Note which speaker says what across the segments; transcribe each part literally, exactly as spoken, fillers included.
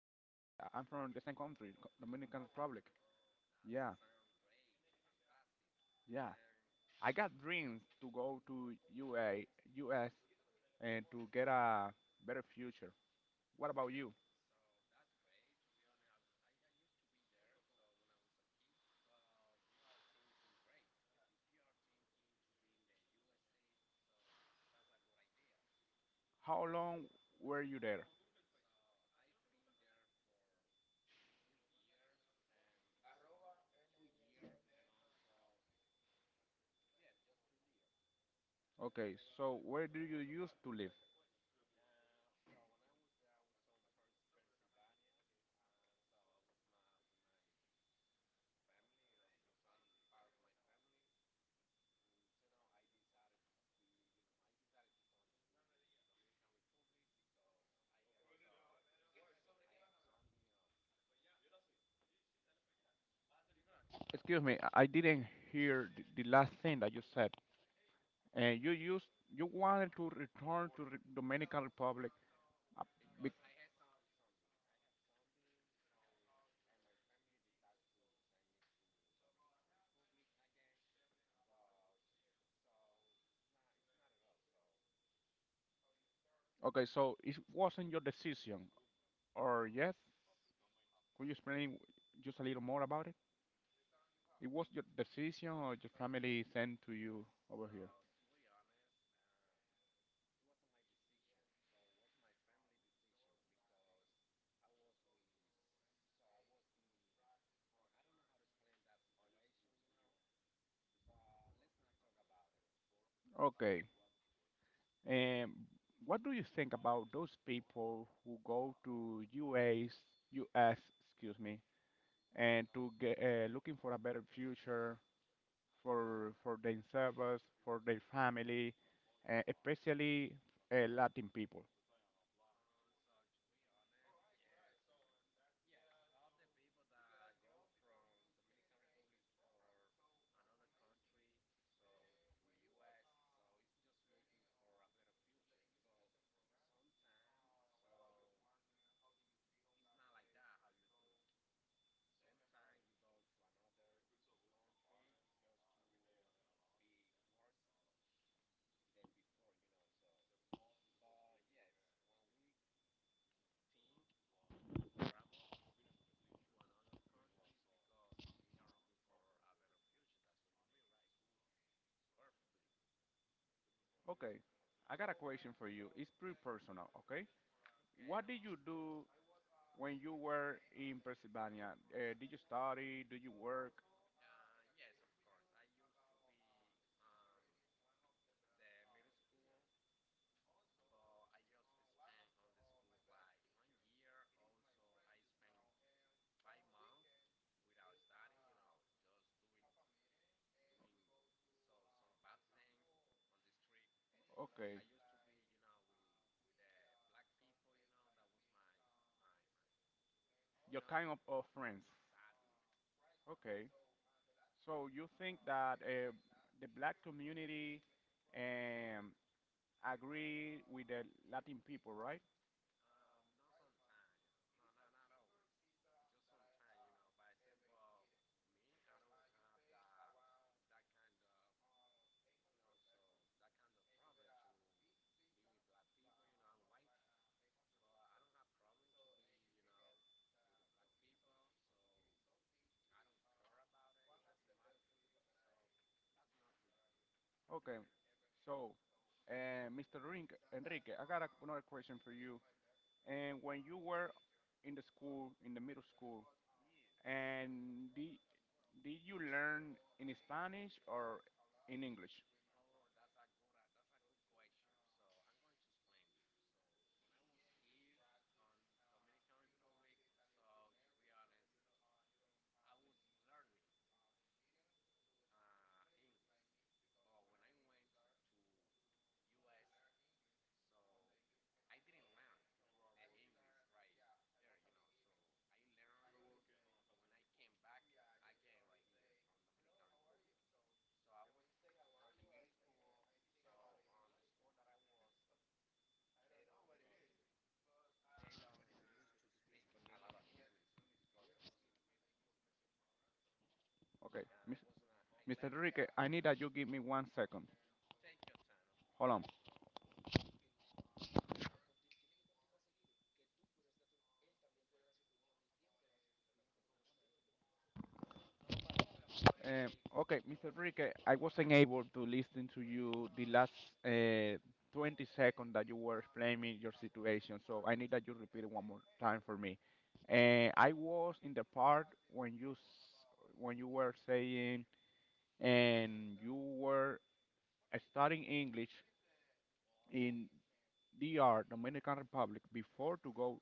Speaker 1: I'm from the same country, Co- Dominican Republic. Yeah, yeah. I got dreams to go to U A U S and to get a better future. What about you? How long were you there? Okay, so where do you used to live? Excuse me, I I didn't hear the, the last thing that you said. and you used you wanted to return to Re- Dominican Republic. uh, be- Okay, so it wasn't your decision, or yes? Could you explain just a little more about it? It was your decision, or your family sent to you over here? Okay, and what do you think about those people who go to U S, U S, excuse me, and to get uh, looking for a better future for for themselves, for their family, uh, especially uh, Latin people. Okay, I got a question for you. It's pretty personal, okay? What did you do when you were in Pennsylvania? Uh, did you study? Do you work? Okay, your kind of, of friends. Okay, so you think that uh, the black community um, agree with the Latin people, right? Okay, so uh, Mister Rin- Enrique, I got a, another question for you. And when you were in the school, in the middle school, and did, did you learn in Spanish or in English? Okay, Mis- Mister Enrique, I need that you give me one second. Hold on. Um, okay, Mister Enrique, I wasn't able to listen to you the last uh, twenty seconds that you were explaining your situation, so I need that you repeat it one more time for me. Uh, I was in the part when you s- when you were saying and you were studying English in D R, Dominican Republic, before to go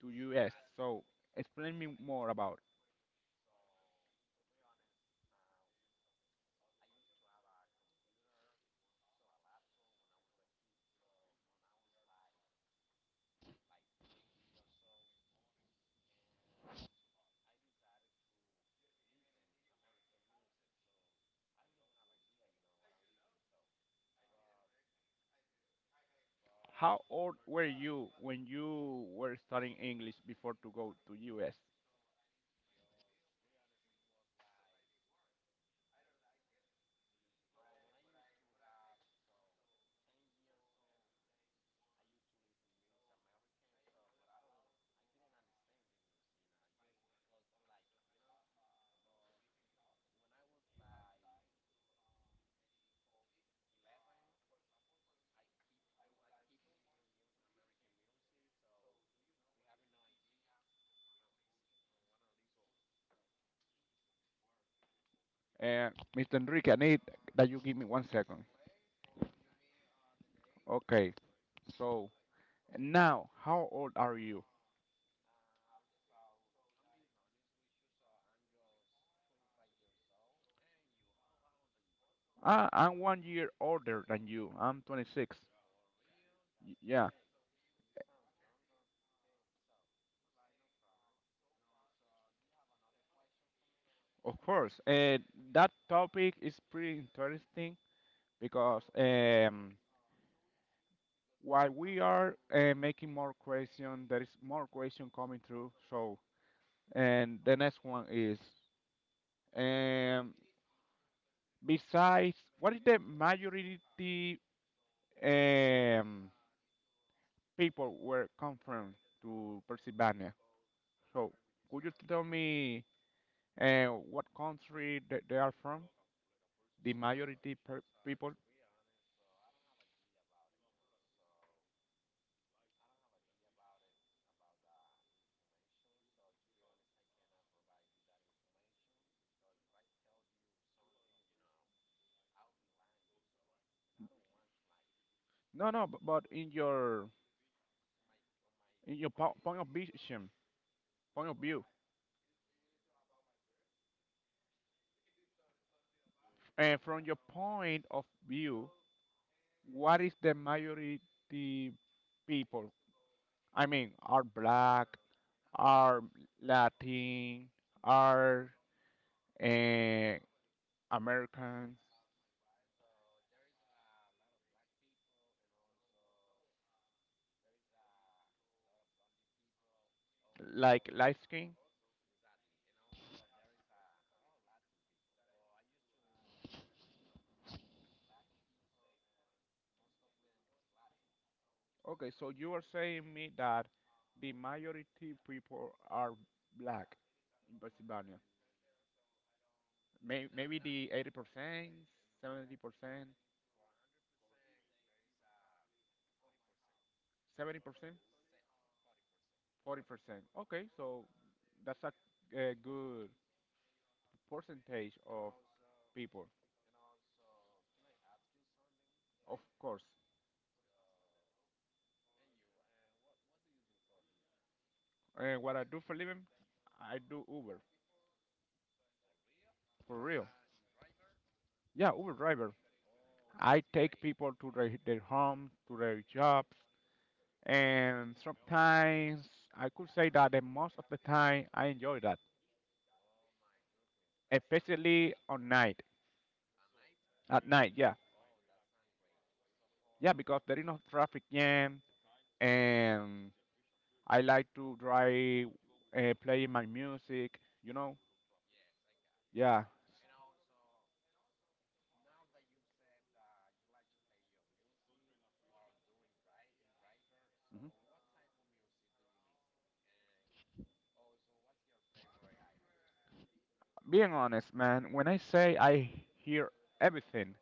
Speaker 1: to U S. So explain me more about. How old were you when you were studying English before to go to U S? Uh, Mister Enrique, I need that you give me one second. Okay. So now, how old are you? I, I'm one year older than you. I'm twenty-six. Y- Yeah, of course. Uh, that topic is pretty interesting because um, while we are uh, making more question, there is more question coming through. So, and the next one is, um, Besides, what is the majority um, people were come from to Pennsylvania? So, could you tell me uh, what country th- they are from? The majority per people? No, no, b- but in your in your po- point of vision, point of view, and from your point of view, what is the majority people? I mean, are black, are Latin, are and Americans like light skin. Okay, so you are saying me that the majority people are black in Pennsylvania. May- maybe the eighty percent, seventy percent, seventy percent, forty percent. Okay, so that's a, a good percentage of people. Of course. And what I do for living, I do Uber. For real. Yeah, Uber driver. I take people to their, their home, to their jobs. And sometimes I could say that the most of the time I enjoy that, especially on night, at night. Yeah, yeah, because there is no traffic jam, and I like to drive, uh, playing my music. You know, yeah. Mhm. Being honest, man, when I say I hear everything,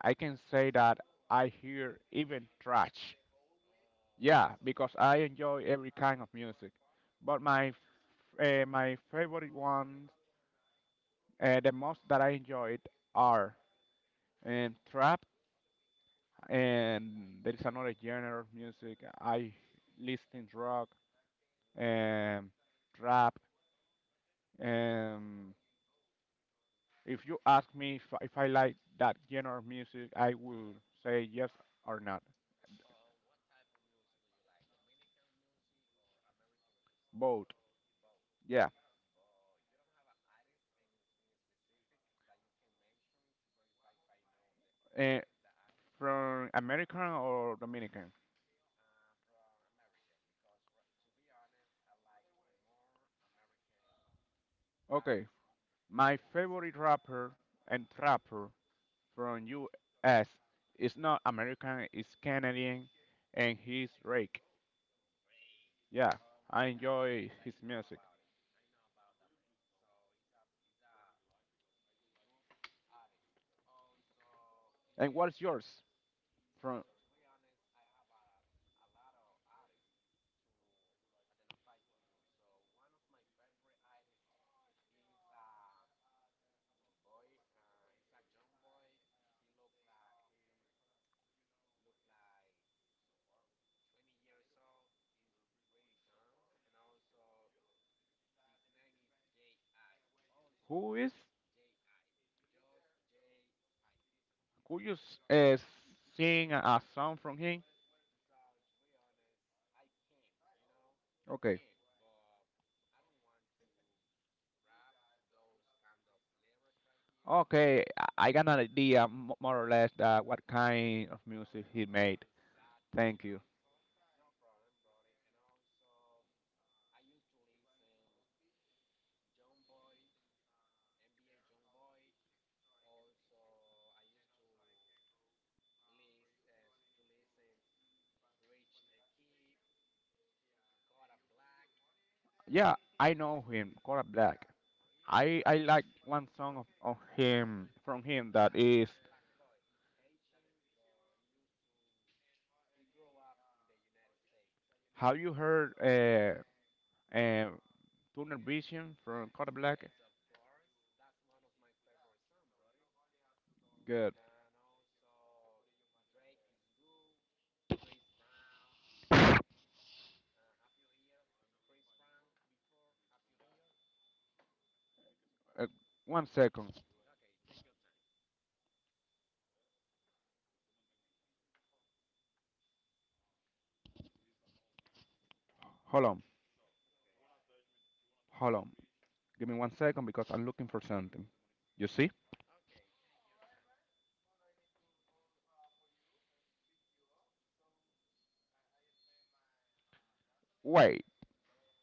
Speaker 1: I can say that I hear even trash. Yeah, because I enjoy every kind of music, but my f- uh, my favorite ones. Uh, the most that I enjoyed are um, trap, and there is another genre of music I listen, rock, um, trap. Um, if you ask me if, if I like that genre of music, I will say yes or not. Both, yeah. Uh, from American or Dominican? Okay, my favorite rapper and trapper from U S. It's not American, it's Canadian, and he's Drake. Yeah, I enjoy his music. And what's yours? From who is? Could you s- uh, sing a song from him? Okay. Okay, I I got an idea, m- more or less, uh, what kind of music he made. Thank you. Yeah, I know him, Kodak Black. I I like one song of, of him from him, that is. Have you heard uh, uh Tunnel vision from Code Black. Good. Uh, one second. Hold on. Hold on. Give me one second because I'm looking for something. You see? Wait.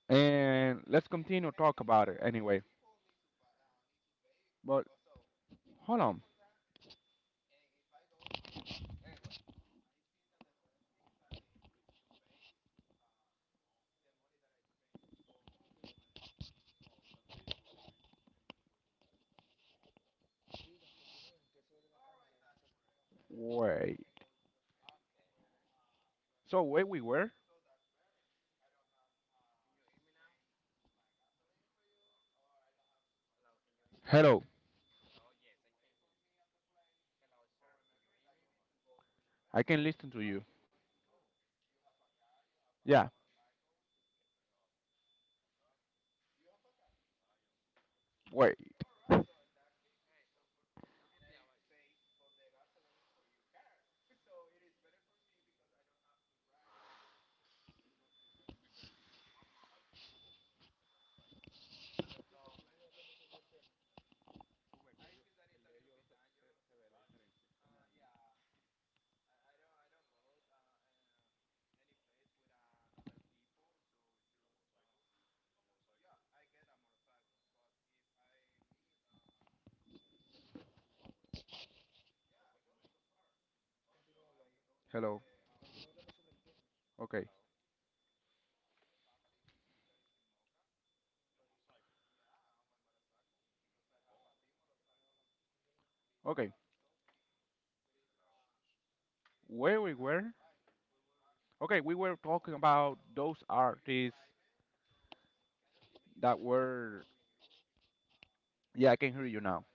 Speaker 1: And let's continue talk about it anyway. But hold on. Wait. So where we were? Hello. I can listen to you. Yeah. Wait. Hello. Okay. Okay. Where we were? Okay, we were talking about those artists that were. Yeah, I can hear you now.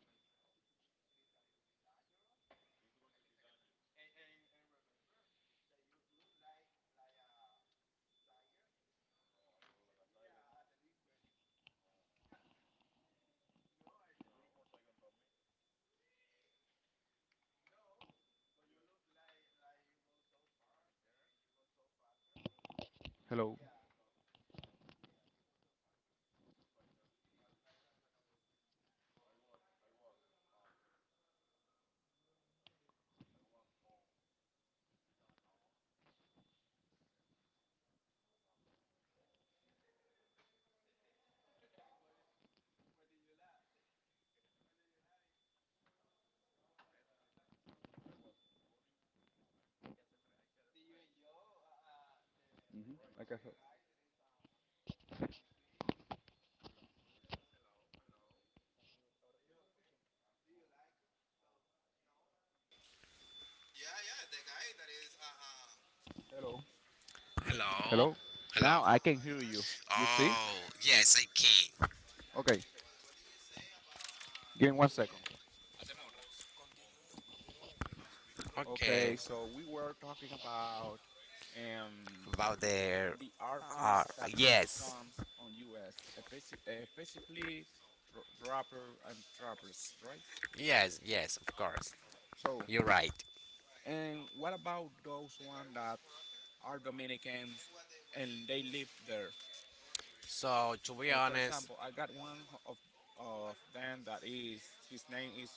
Speaker 1: Hello. Hmm. I can hear. Hello.
Speaker 2: Hello?
Speaker 1: Hello?
Speaker 2: Hello?
Speaker 1: Now I can hear you. You see?
Speaker 2: Oh, yes, I can.
Speaker 1: Okay, give me one second.
Speaker 2: Okay.
Speaker 1: Okay, so we were talking about um,
Speaker 2: about um, the. the
Speaker 1: the
Speaker 2: Uh,
Speaker 1: artists that make
Speaker 2: yes.
Speaker 1: songs on U S, uh, basi- uh, basically r- rapper and trappers, right?
Speaker 2: right? Yes, yes, of course.
Speaker 1: So,
Speaker 2: You're right.
Speaker 1: and what about those one that are Dominicans and they live there?
Speaker 2: So, to be
Speaker 1: And for
Speaker 2: honest,
Speaker 1: example, I got one of of them that is, his name is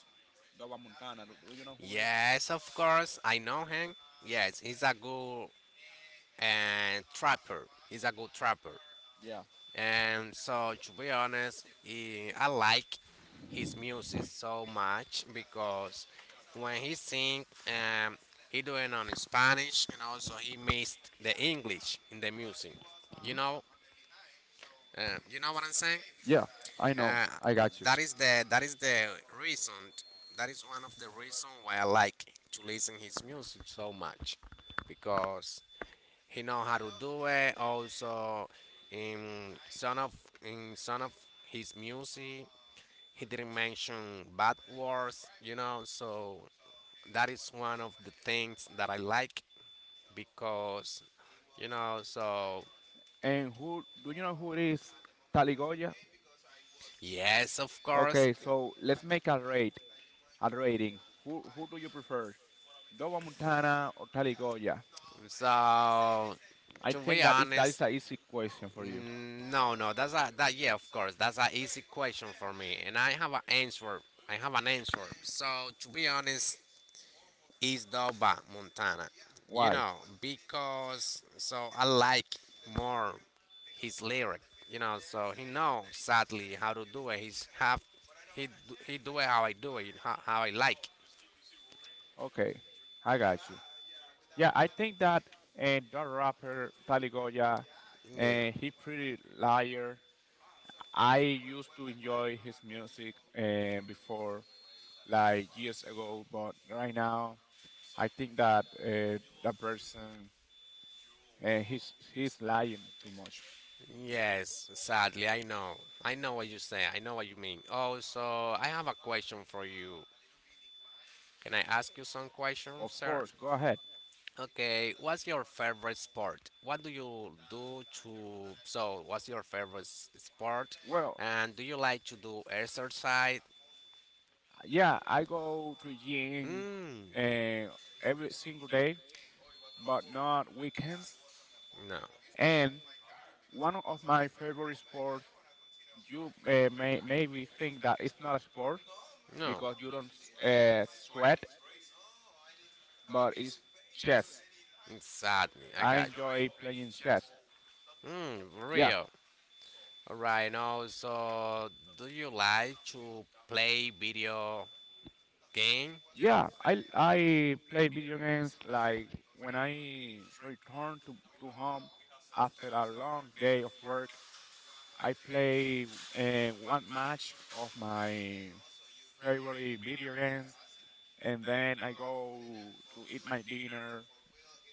Speaker 1: Loba Montana. Do, do you know who it is?
Speaker 2: yes, of course, I know him. Yes, he's a good uh, trapper. He's a good trapper.
Speaker 1: Yeah.
Speaker 2: And so, to be honest, eh, I like his music so much because when he sing, um, he doing on Spanish and also he mixed the English in the music. You know, um, you know what I'm saying?
Speaker 1: Yeah, I know.
Speaker 2: Uh,
Speaker 1: I got you.
Speaker 2: that is the that is the reason. That is one of the reason why I like to listen his music so much because he know how to do it. Also, in some of in some of his music, he didn't mention bad words. You know, so that is one of the things that I like because, you know, so
Speaker 1: And who do you know who it is? Taligoya?
Speaker 2: yes, of course.
Speaker 1: Okay, so let's make a rate a rating. Who who do you prefer? Dova Montana or Taligoya?
Speaker 2: So
Speaker 1: I
Speaker 2: to
Speaker 1: think
Speaker 2: be
Speaker 1: that is that is
Speaker 2: honest,
Speaker 1: an easy question for you.
Speaker 2: mm, no, no. That's a that yeah, of course. That's an easy question for me, and I have an answer. I have an answer. So to be honest, is Nova Montana. You
Speaker 1: Why?
Speaker 2: know, because so I like more his lyric. You know, so he know sadly how to do it. He's half he do- he do it how I do it, how, how I like.
Speaker 1: Okay, I got you. Yeah, I think that, and that rapper Taligoya,
Speaker 2: Yeah.
Speaker 1: and he pretty liar. I used to enjoy his music uh, before, like years ago, but right now I think that uh, that person uh, he's he's lying too much.
Speaker 2: Yes, sadly I know. I know what you say. I know what you mean. Oh, so I have a question for you. Can I ask you some questions,
Speaker 1: Of
Speaker 2: sir?
Speaker 1: course, go ahead.
Speaker 2: Okay, what's your favorite sport? What do you do to so what's your favorite s- sport?
Speaker 1: Well,
Speaker 2: And do you like to do exercise?
Speaker 1: yeah, I go to gym
Speaker 2: Mm,
Speaker 1: uh, every single day, but not weekends.
Speaker 2: no.
Speaker 1: And one of my favorite sports, you uh, may maybe think that it's not a sport
Speaker 2: No.
Speaker 1: because you don't uh, sweat, but it's chess.
Speaker 2: Exactly. I
Speaker 1: I
Speaker 2: got you.
Speaker 1: enjoy playing chess.
Speaker 2: Mm,
Speaker 1: Yeah,
Speaker 2: real. Alright, now so do you like to play video game?
Speaker 1: yeah, I I play video games like when I return to, to home after a long day of work. I play uh, one match of my favorite video games, and then I go to eat my dinner.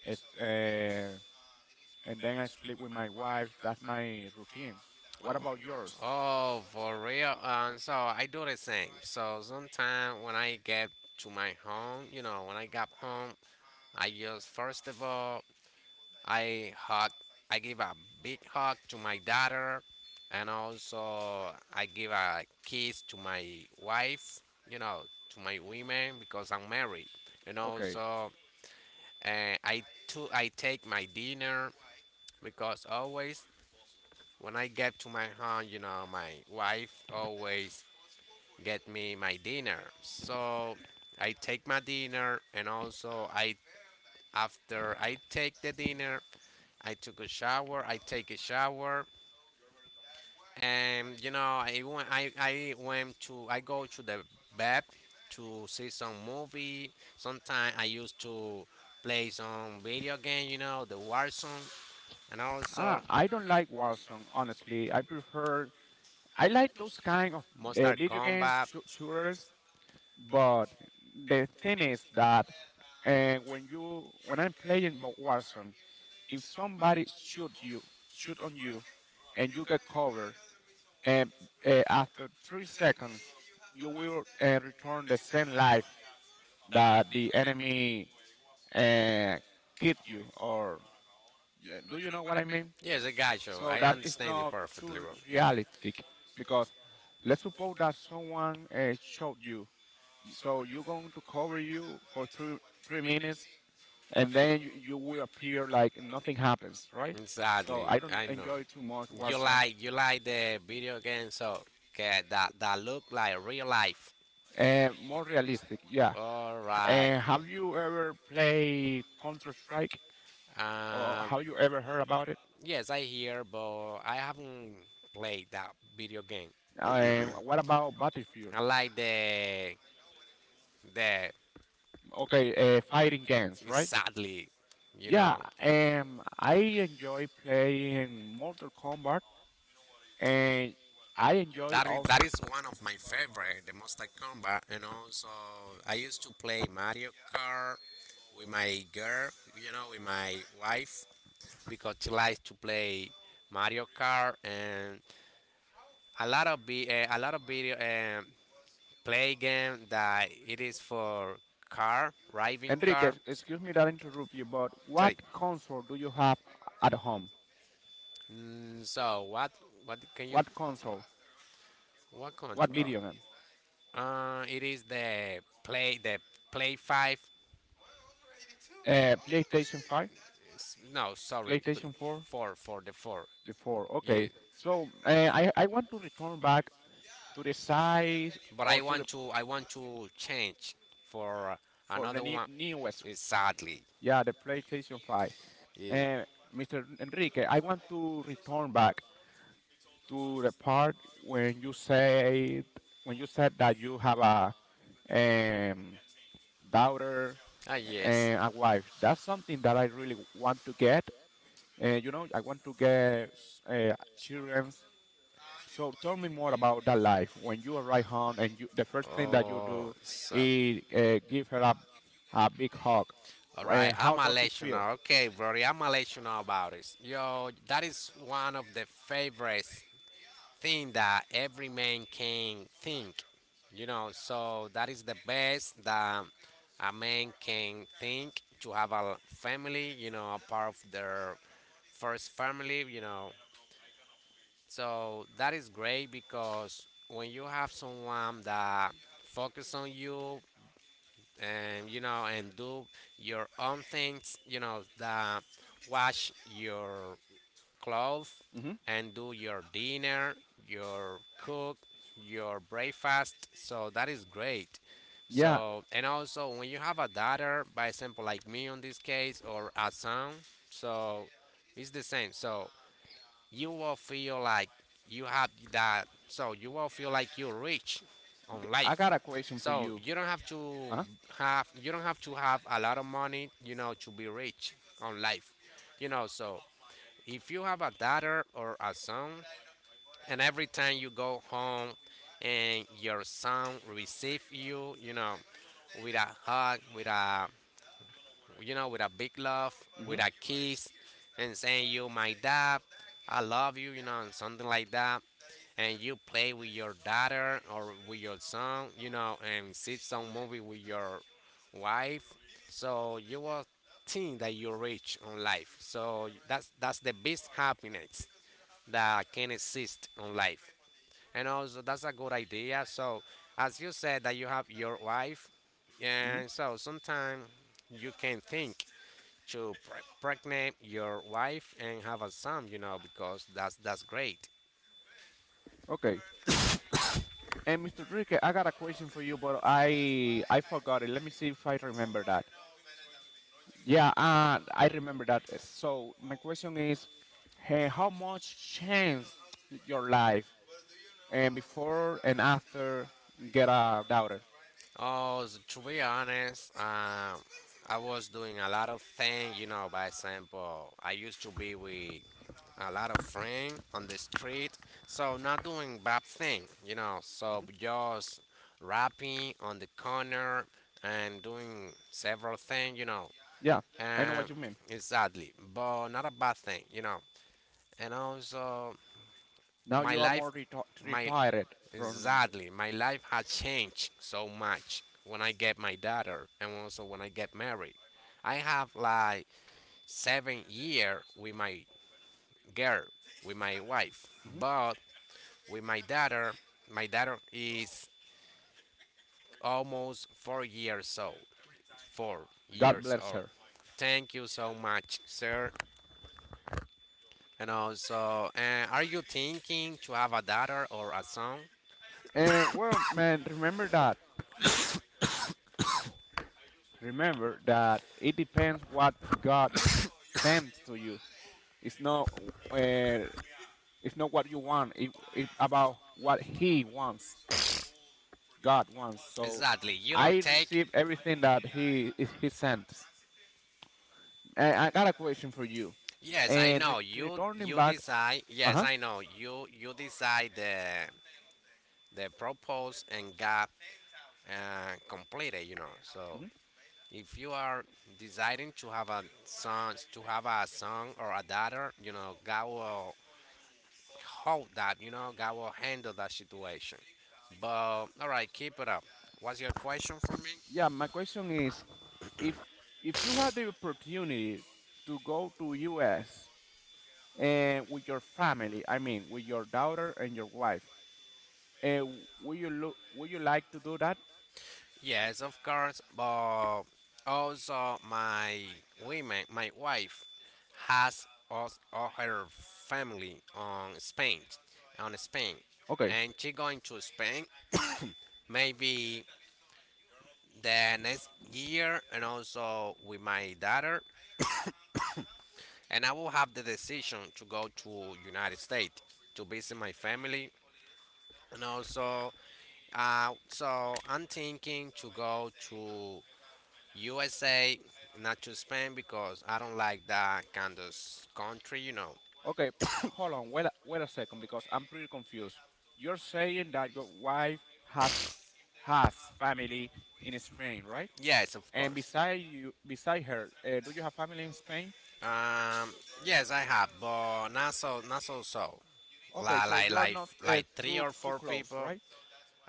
Speaker 1: It's, uh, and then I sleep with my wife. That's my routine. What about yours?
Speaker 2: Oh, for real. Um, so I do the same. So sometimes when I get to my home, you know, when I got home, I just first of all I hug, I give a big hug to my daughter, and also I give a kiss to my wife, you know, to my women because I'm married, and okay,
Speaker 1: Okay.
Speaker 2: also uh, I too I take my dinner because always when I get to my home, you know, my wife always get me my dinner. So I take my dinner and also I after I take the dinner, I took a shower, I take a shower and you know, I went I, I went to I go to the bed to see some movie. Sometimes I used to play some video game, you know, the Warzone and also
Speaker 1: Ah, I don't like Warzone, honestly. I prefer. I like those kind of uh,
Speaker 2: Monster
Speaker 1: video games,
Speaker 2: Kombat.
Speaker 1: shoo- shooters. But the thing is that uh, when you when I'm playing Bo- Warzone, if somebody shoot you, shoot on you, and you get covered, and uh, after three seconds, you will uh, return the same life that the enemy uh, killed you. Or, yeah, do you know what I mean?
Speaker 2: Yes, I got you.
Speaker 1: So
Speaker 2: I
Speaker 1: that is
Speaker 2: understand you
Speaker 1: not too
Speaker 2: perfectly,
Speaker 1: re-
Speaker 2: bro.
Speaker 1: realistic because let's suppose that someone uh, shot you, so you're going to cover you for three three minutes, and then you, you will appear like nothing happens, right? So
Speaker 2: Exactly.
Speaker 1: I don't
Speaker 2: I know.
Speaker 1: enjoy too much
Speaker 2: You
Speaker 1: Warzone.
Speaker 2: like you like the video game, so okay, that that look like real life.
Speaker 1: And more realistic, yeah.
Speaker 2: All right.
Speaker 1: And have you ever played Counter Strike, or
Speaker 2: Um.
Speaker 1: have you ever heard about it?
Speaker 2: Yes, I hear, but I haven't played that video game.
Speaker 1: And what about Battlefield?
Speaker 2: I like the the.
Speaker 1: Okay, uh, fighting games, right?
Speaker 2: Sadly, you
Speaker 1: Yeah,
Speaker 2: know.
Speaker 1: um, I enjoy playing Mortal Kombat, and I enjoy
Speaker 2: That is, that
Speaker 1: also.
Speaker 2: is one of my favorite, the Mustang Combat, and also I used to play Mario Kart with my girl, you know, with my wife, because she likes to play Mario Kart and a lot of be uh, a lot of video um, play game that it is for car, driving
Speaker 1: Enrique,
Speaker 2: car.
Speaker 1: excuse me that I interrupt you, but what
Speaker 2: Say,
Speaker 1: console do you have at home?
Speaker 2: mm, so what what can you
Speaker 1: What console?
Speaker 2: what
Speaker 1: What
Speaker 2: country?
Speaker 1: video game?
Speaker 2: Oh, uh, it is the play the play five.
Speaker 1: Uh, PlayStation five,
Speaker 2: S- No, sorry, pl-
Speaker 1: PlayStation four,
Speaker 2: four, for the four.
Speaker 1: the four.
Speaker 2: Yeah,
Speaker 1: Okay. So uh, I I want to return back to the size,
Speaker 2: but
Speaker 1: or
Speaker 2: I
Speaker 1: to the,
Speaker 2: want to I want to change for
Speaker 1: for the
Speaker 2: another
Speaker 1: new,
Speaker 2: one.
Speaker 1: newest.
Speaker 2: Exactly.
Speaker 1: Yeah, the PlayStation five.
Speaker 2: Yeah.
Speaker 1: Uh, Mister Enrique, I want to return back to the part when you said, when you said that you have a um, daughter
Speaker 2: Ah, yes.
Speaker 1: and a wife. That's something that I really want to get. Uh, you know, I want to get uh, children. So tell me more about that life. When you arrive home, and you, the first thing that you
Speaker 2: Oh,
Speaker 1: do
Speaker 2: so
Speaker 1: is uh, give her a, a big hug.
Speaker 2: all
Speaker 1: Uh,
Speaker 2: right.
Speaker 1: how
Speaker 2: I'ma
Speaker 1: does it
Speaker 2: let you
Speaker 1: feel?
Speaker 2: know. Okay, brody. I'ma let you know about it. Yo, that is one of the favorites thing that every man can think. You know, so that is the best that a man can think, to have a family, you know, a part of their first family, you know. So that is great because when you have someone that focus on you and you know and do your own things, you know, that watch your clothes
Speaker 1: Hmm.
Speaker 2: and do your dinner, your cook, your breakfast. So that is great.
Speaker 1: Yeah,
Speaker 2: So and also when you have a daughter, by example like me on this case, or a son, so it's the same. So you will feel like you have that. So you will feel like you're rich on life.
Speaker 1: I got a question for
Speaker 2: So
Speaker 1: you.
Speaker 2: you don't have to
Speaker 1: Uh-huh.
Speaker 2: have you don't have to have a lot of money, you know, to be rich on life. You know, so if you have a daughter or a son, and every time you go home and your son receive you, you know, with a hug, with a, you know, with a big love,
Speaker 1: Hmm.
Speaker 2: with a kiss, and saying you, my dad, I love you, you know, and something like that, and you play with your daughter or with your son, you know, and see some movie with your wife, so you will think that you rich on life. So that's that's the best happiness that can exist on life. And also, that's a good idea. So, as you said, that you have your wife, and
Speaker 1: Hmm.
Speaker 2: so sometimes you can think to pre- pregnant your wife and have a son, you know, because that's that's great.
Speaker 1: Okay. And Mister Rique, I got a question for you, but I I forgot it. Let me see if I remember that. Yeah, uh, I remember that. Uh, So my question is, eh, how much changed your life, and before and after get a daughter?
Speaker 2: Oh, s- to be honest, um, I was doing a lot of things, you know. By example, I used to be with a lot of friends on the street. So not doing bad thing, you know. So just rapping on the corner and doing several things, you know.
Speaker 1: Yeah, I know what
Speaker 2: And
Speaker 1: you mean.
Speaker 2: exactly, but not a bad thing, you know. And also
Speaker 1: Now
Speaker 2: my
Speaker 1: you are
Speaker 2: life,
Speaker 1: more reti
Speaker 2: my
Speaker 1: retired from.
Speaker 2: exactly, my life has changed so much when I get my daughter and also when I get married. I have like seven year with my girl, with my wife,
Speaker 1: Mhm.
Speaker 2: but with my daughter. My daughter is almost four years old. Four
Speaker 1: God
Speaker 2: years
Speaker 1: bless
Speaker 2: old.
Speaker 1: her.
Speaker 2: Thank you so much, sir. And also, uh, are you thinking to have a daughter or a son?
Speaker 1: And well, man, remember that. Remember that it depends what God sends to you. It's not. Uh, it's not what you want. It, it's about what He wants. God wants. So
Speaker 2: Exactly. You don't
Speaker 1: I
Speaker 2: take.
Speaker 1: receive everything that He is He sent. And I got a question for you.
Speaker 2: Yes, I
Speaker 1: And re-
Speaker 2: know. You
Speaker 1: returning
Speaker 2: you
Speaker 1: back.
Speaker 2: decide.
Speaker 1: Uh
Speaker 2: Yes,
Speaker 1: huh.
Speaker 2: I know. You you decide the the purpose and God uh, completed. You know. So
Speaker 1: Hmm.
Speaker 2: if you are deciding to have a son, to have a son or a daughter, you know, God will hold that. You know, God will handle that situation. But all right, keep it up. What's your question for me?
Speaker 1: Yeah, my question is, if if you had the opportunity to go to U S and with your family, I mean with your daughter and your wife, uh, would you look would you like to do that?
Speaker 2: Yes, of course. But also, my women, my wife has us all her family on Spain, on Spain,
Speaker 1: Okay,
Speaker 2: and she going to Spain maybe the next year and also with my daughter, and I will have the decision to go to United States to visit my family, and also uh, so I'm thinking to go to U S A, not to Spain, because I don't like that kind of s- country, you know.
Speaker 1: okay, hold on, wait a, wait a second, because I'm pretty confused. You're saying that your wife has has family in Spain, right?
Speaker 2: Yes, of
Speaker 1: And
Speaker 2: course.
Speaker 1: beside you, beside her, uh, do you have family in Spain?
Speaker 2: Um, yes I have, but not so not so so,
Speaker 1: Okay,
Speaker 2: like
Speaker 1: so
Speaker 2: like
Speaker 1: you are
Speaker 2: like,
Speaker 1: not uh,
Speaker 2: like three
Speaker 1: too
Speaker 2: or
Speaker 1: too
Speaker 2: four
Speaker 1: close,
Speaker 2: people
Speaker 1: right?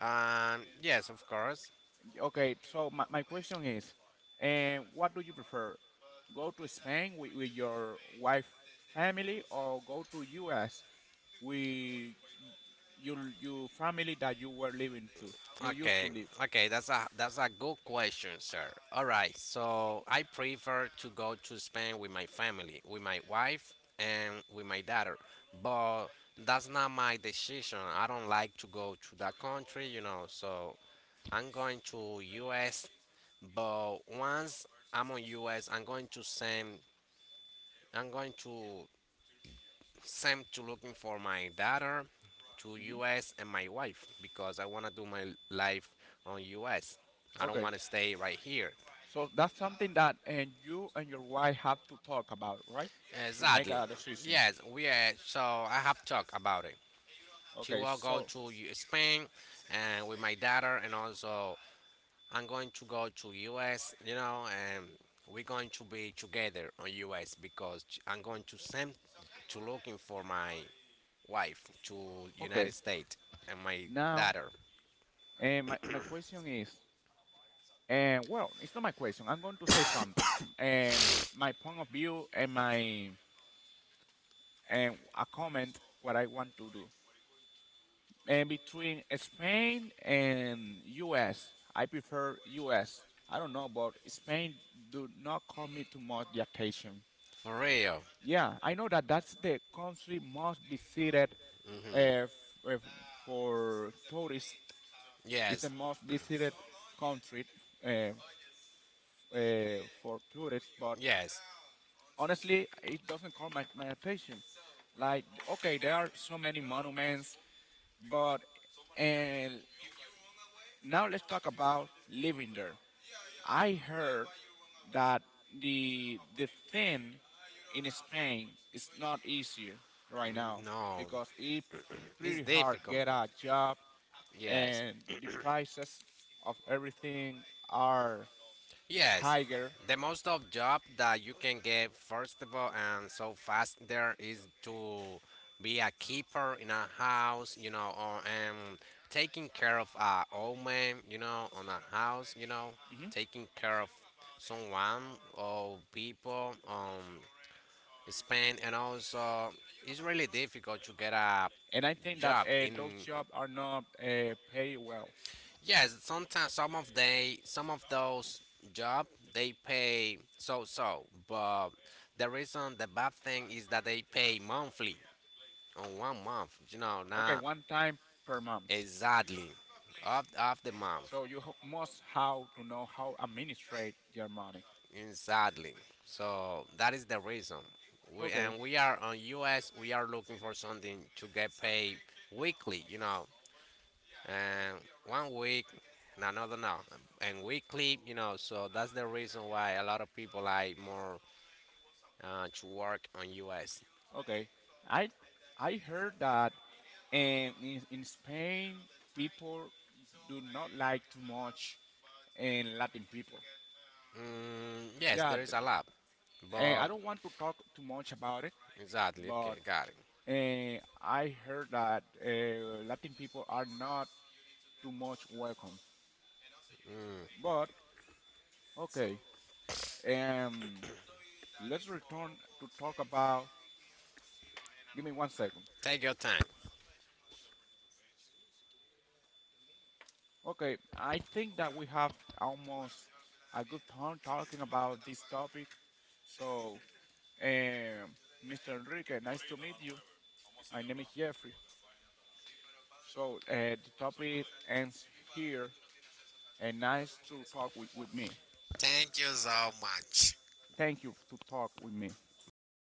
Speaker 2: Um, yes, of course.
Speaker 1: Okay, so my, my question is, uh, what do you prefer? Go to Spain with, with your wife family or go to U S with your your family that you were living to, you used to
Speaker 2: Okay,
Speaker 1: live?
Speaker 2: okay, that's a that's a good question, sir. All right, so I prefer to go to Spain with my family, with my wife and with my daughter, but that's not my decision. I don't like to go to that country, you know. So I'm going to U S, but once I'm on U S, I'm going to send. I'm going to sent to looking for my daughter to
Speaker 1: Hmm.
Speaker 2: U S, and my wife, because I want to do my life on U S. I don't
Speaker 1: Okay,
Speaker 2: want to stay right here.
Speaker 1: so that's something that, and you and your wife have to talk about, right? To make
Speaker 2: Exactly.
Speaker 1: a decision.
Speaker 2: Yes, we are. So I have talked about it. She
Speaker 1: Okay,
Speaker 2: will go
Speaker 1: so
Speaker 2: to U- Spain and with my daughter, and also I'm going to go to U S. You know, and we're going to be together on U S because I'm going to send to looking for my wife to
Speaker 1: okay,
Speaker 2: United States and my
Speaker 1: now,
Speaker 2: daughter.
Speaker 1: and my, my question is, and, well, it's not my question. I'm going to say something. Um, my point of view, and my and I comment what I want to do. And between Spain and U S, I prefer U S. I don't know, but Spain do not call me too much the attention.
Speaker 2: For real.
Speaker 1: Yeah, I know that that's the country most visited uh, f- uh, for tourists. It's the
Speaker 2: Yes.
Speaker 1: most visited country uh, uh, for tourists, but
Speaker 2: Yes.
Speaker 1: honestly, it doesn't call my, my attention, like, okay, there are so many monuments. But and now let's talk about living there. I heard that the the thing in Spain is not easier right now
Speaker 2: N- no.
Speaker 1: because it's
Speaker 2: It's
Speaker 1: pretty hard
Speaker 2: difficult.
Speaker 1: get a job,
Speaker 2: Yes.
Speaker 1: and the prices of everything are
Speaker 2: Yes,
Speaker 1: higher.
Speaker 2: the most of job that you can get first of all and so fast there is to be a keeper in a house, you know, or and taking care of a old man, you know, on a house, you know,
Speaker 1: Mhm.
Speaker 2: taking care of someone or people, um, Spain, and also it's really difficult to get a
Speaker 1: And I think that
Speaker 2: job
Speaker 1: uh,
Speaker 2: in.
Speaker 1: those jobs are not uh, paid well.
Speaker 2: Yes, sometimes some of they some of those job they pay so so, but the reason the bad thing is that they pay monthly on one month. You know, okay,
Speaker 1: Okay,
Speaker 2: not
Speaker 1: one time per month.
Speaker 2: exactly of of the month.
Speaker 1: So you ho- must how to know how administrate your money.
Speaker 2: Exactly. So that is the reason. We
Speaker 1: Okay.
Speaker 2: and we are on U S. We are looking for something to get paid weekly. You know, and one week and another no no, and weekly, you know, so that's the reason why a lot of people like more uh, to work on U S.
Speaker 1: Okay. I I heard that um, in, in Spain people do not like too much and Latin people.
Speaker 2: Mm, yes
Speaker 1: Yeah,
Speaker 2: there
Speaker 1: the,
Speaker 2: is a
Speaker 1: the,
Speaker 2: lot,
Speaker 1: and I
Speaker 2: but
Speaker 1: don't want to talk too much about it,
Speaker 2: exactly, okay,
Speaker 1: but
Speaker 2: got it.
Speaker 1: uh, I heard that uh, Latin people are not too much welcome. But okay, um, let's return to talk about. Give me one second.
Speaker 2: Take your time.
Speaker 1: Okay, I think that we have almost a good time talking about this topic. So, um, Mister Enrique, nice to meet you. My name is Jeffrey. So, uh, the topic ends here, and nice to talk with, with me.
Speaker 2: Thank you so much.
Speaker 1: Thank you to talk with me.
Speaker 2: My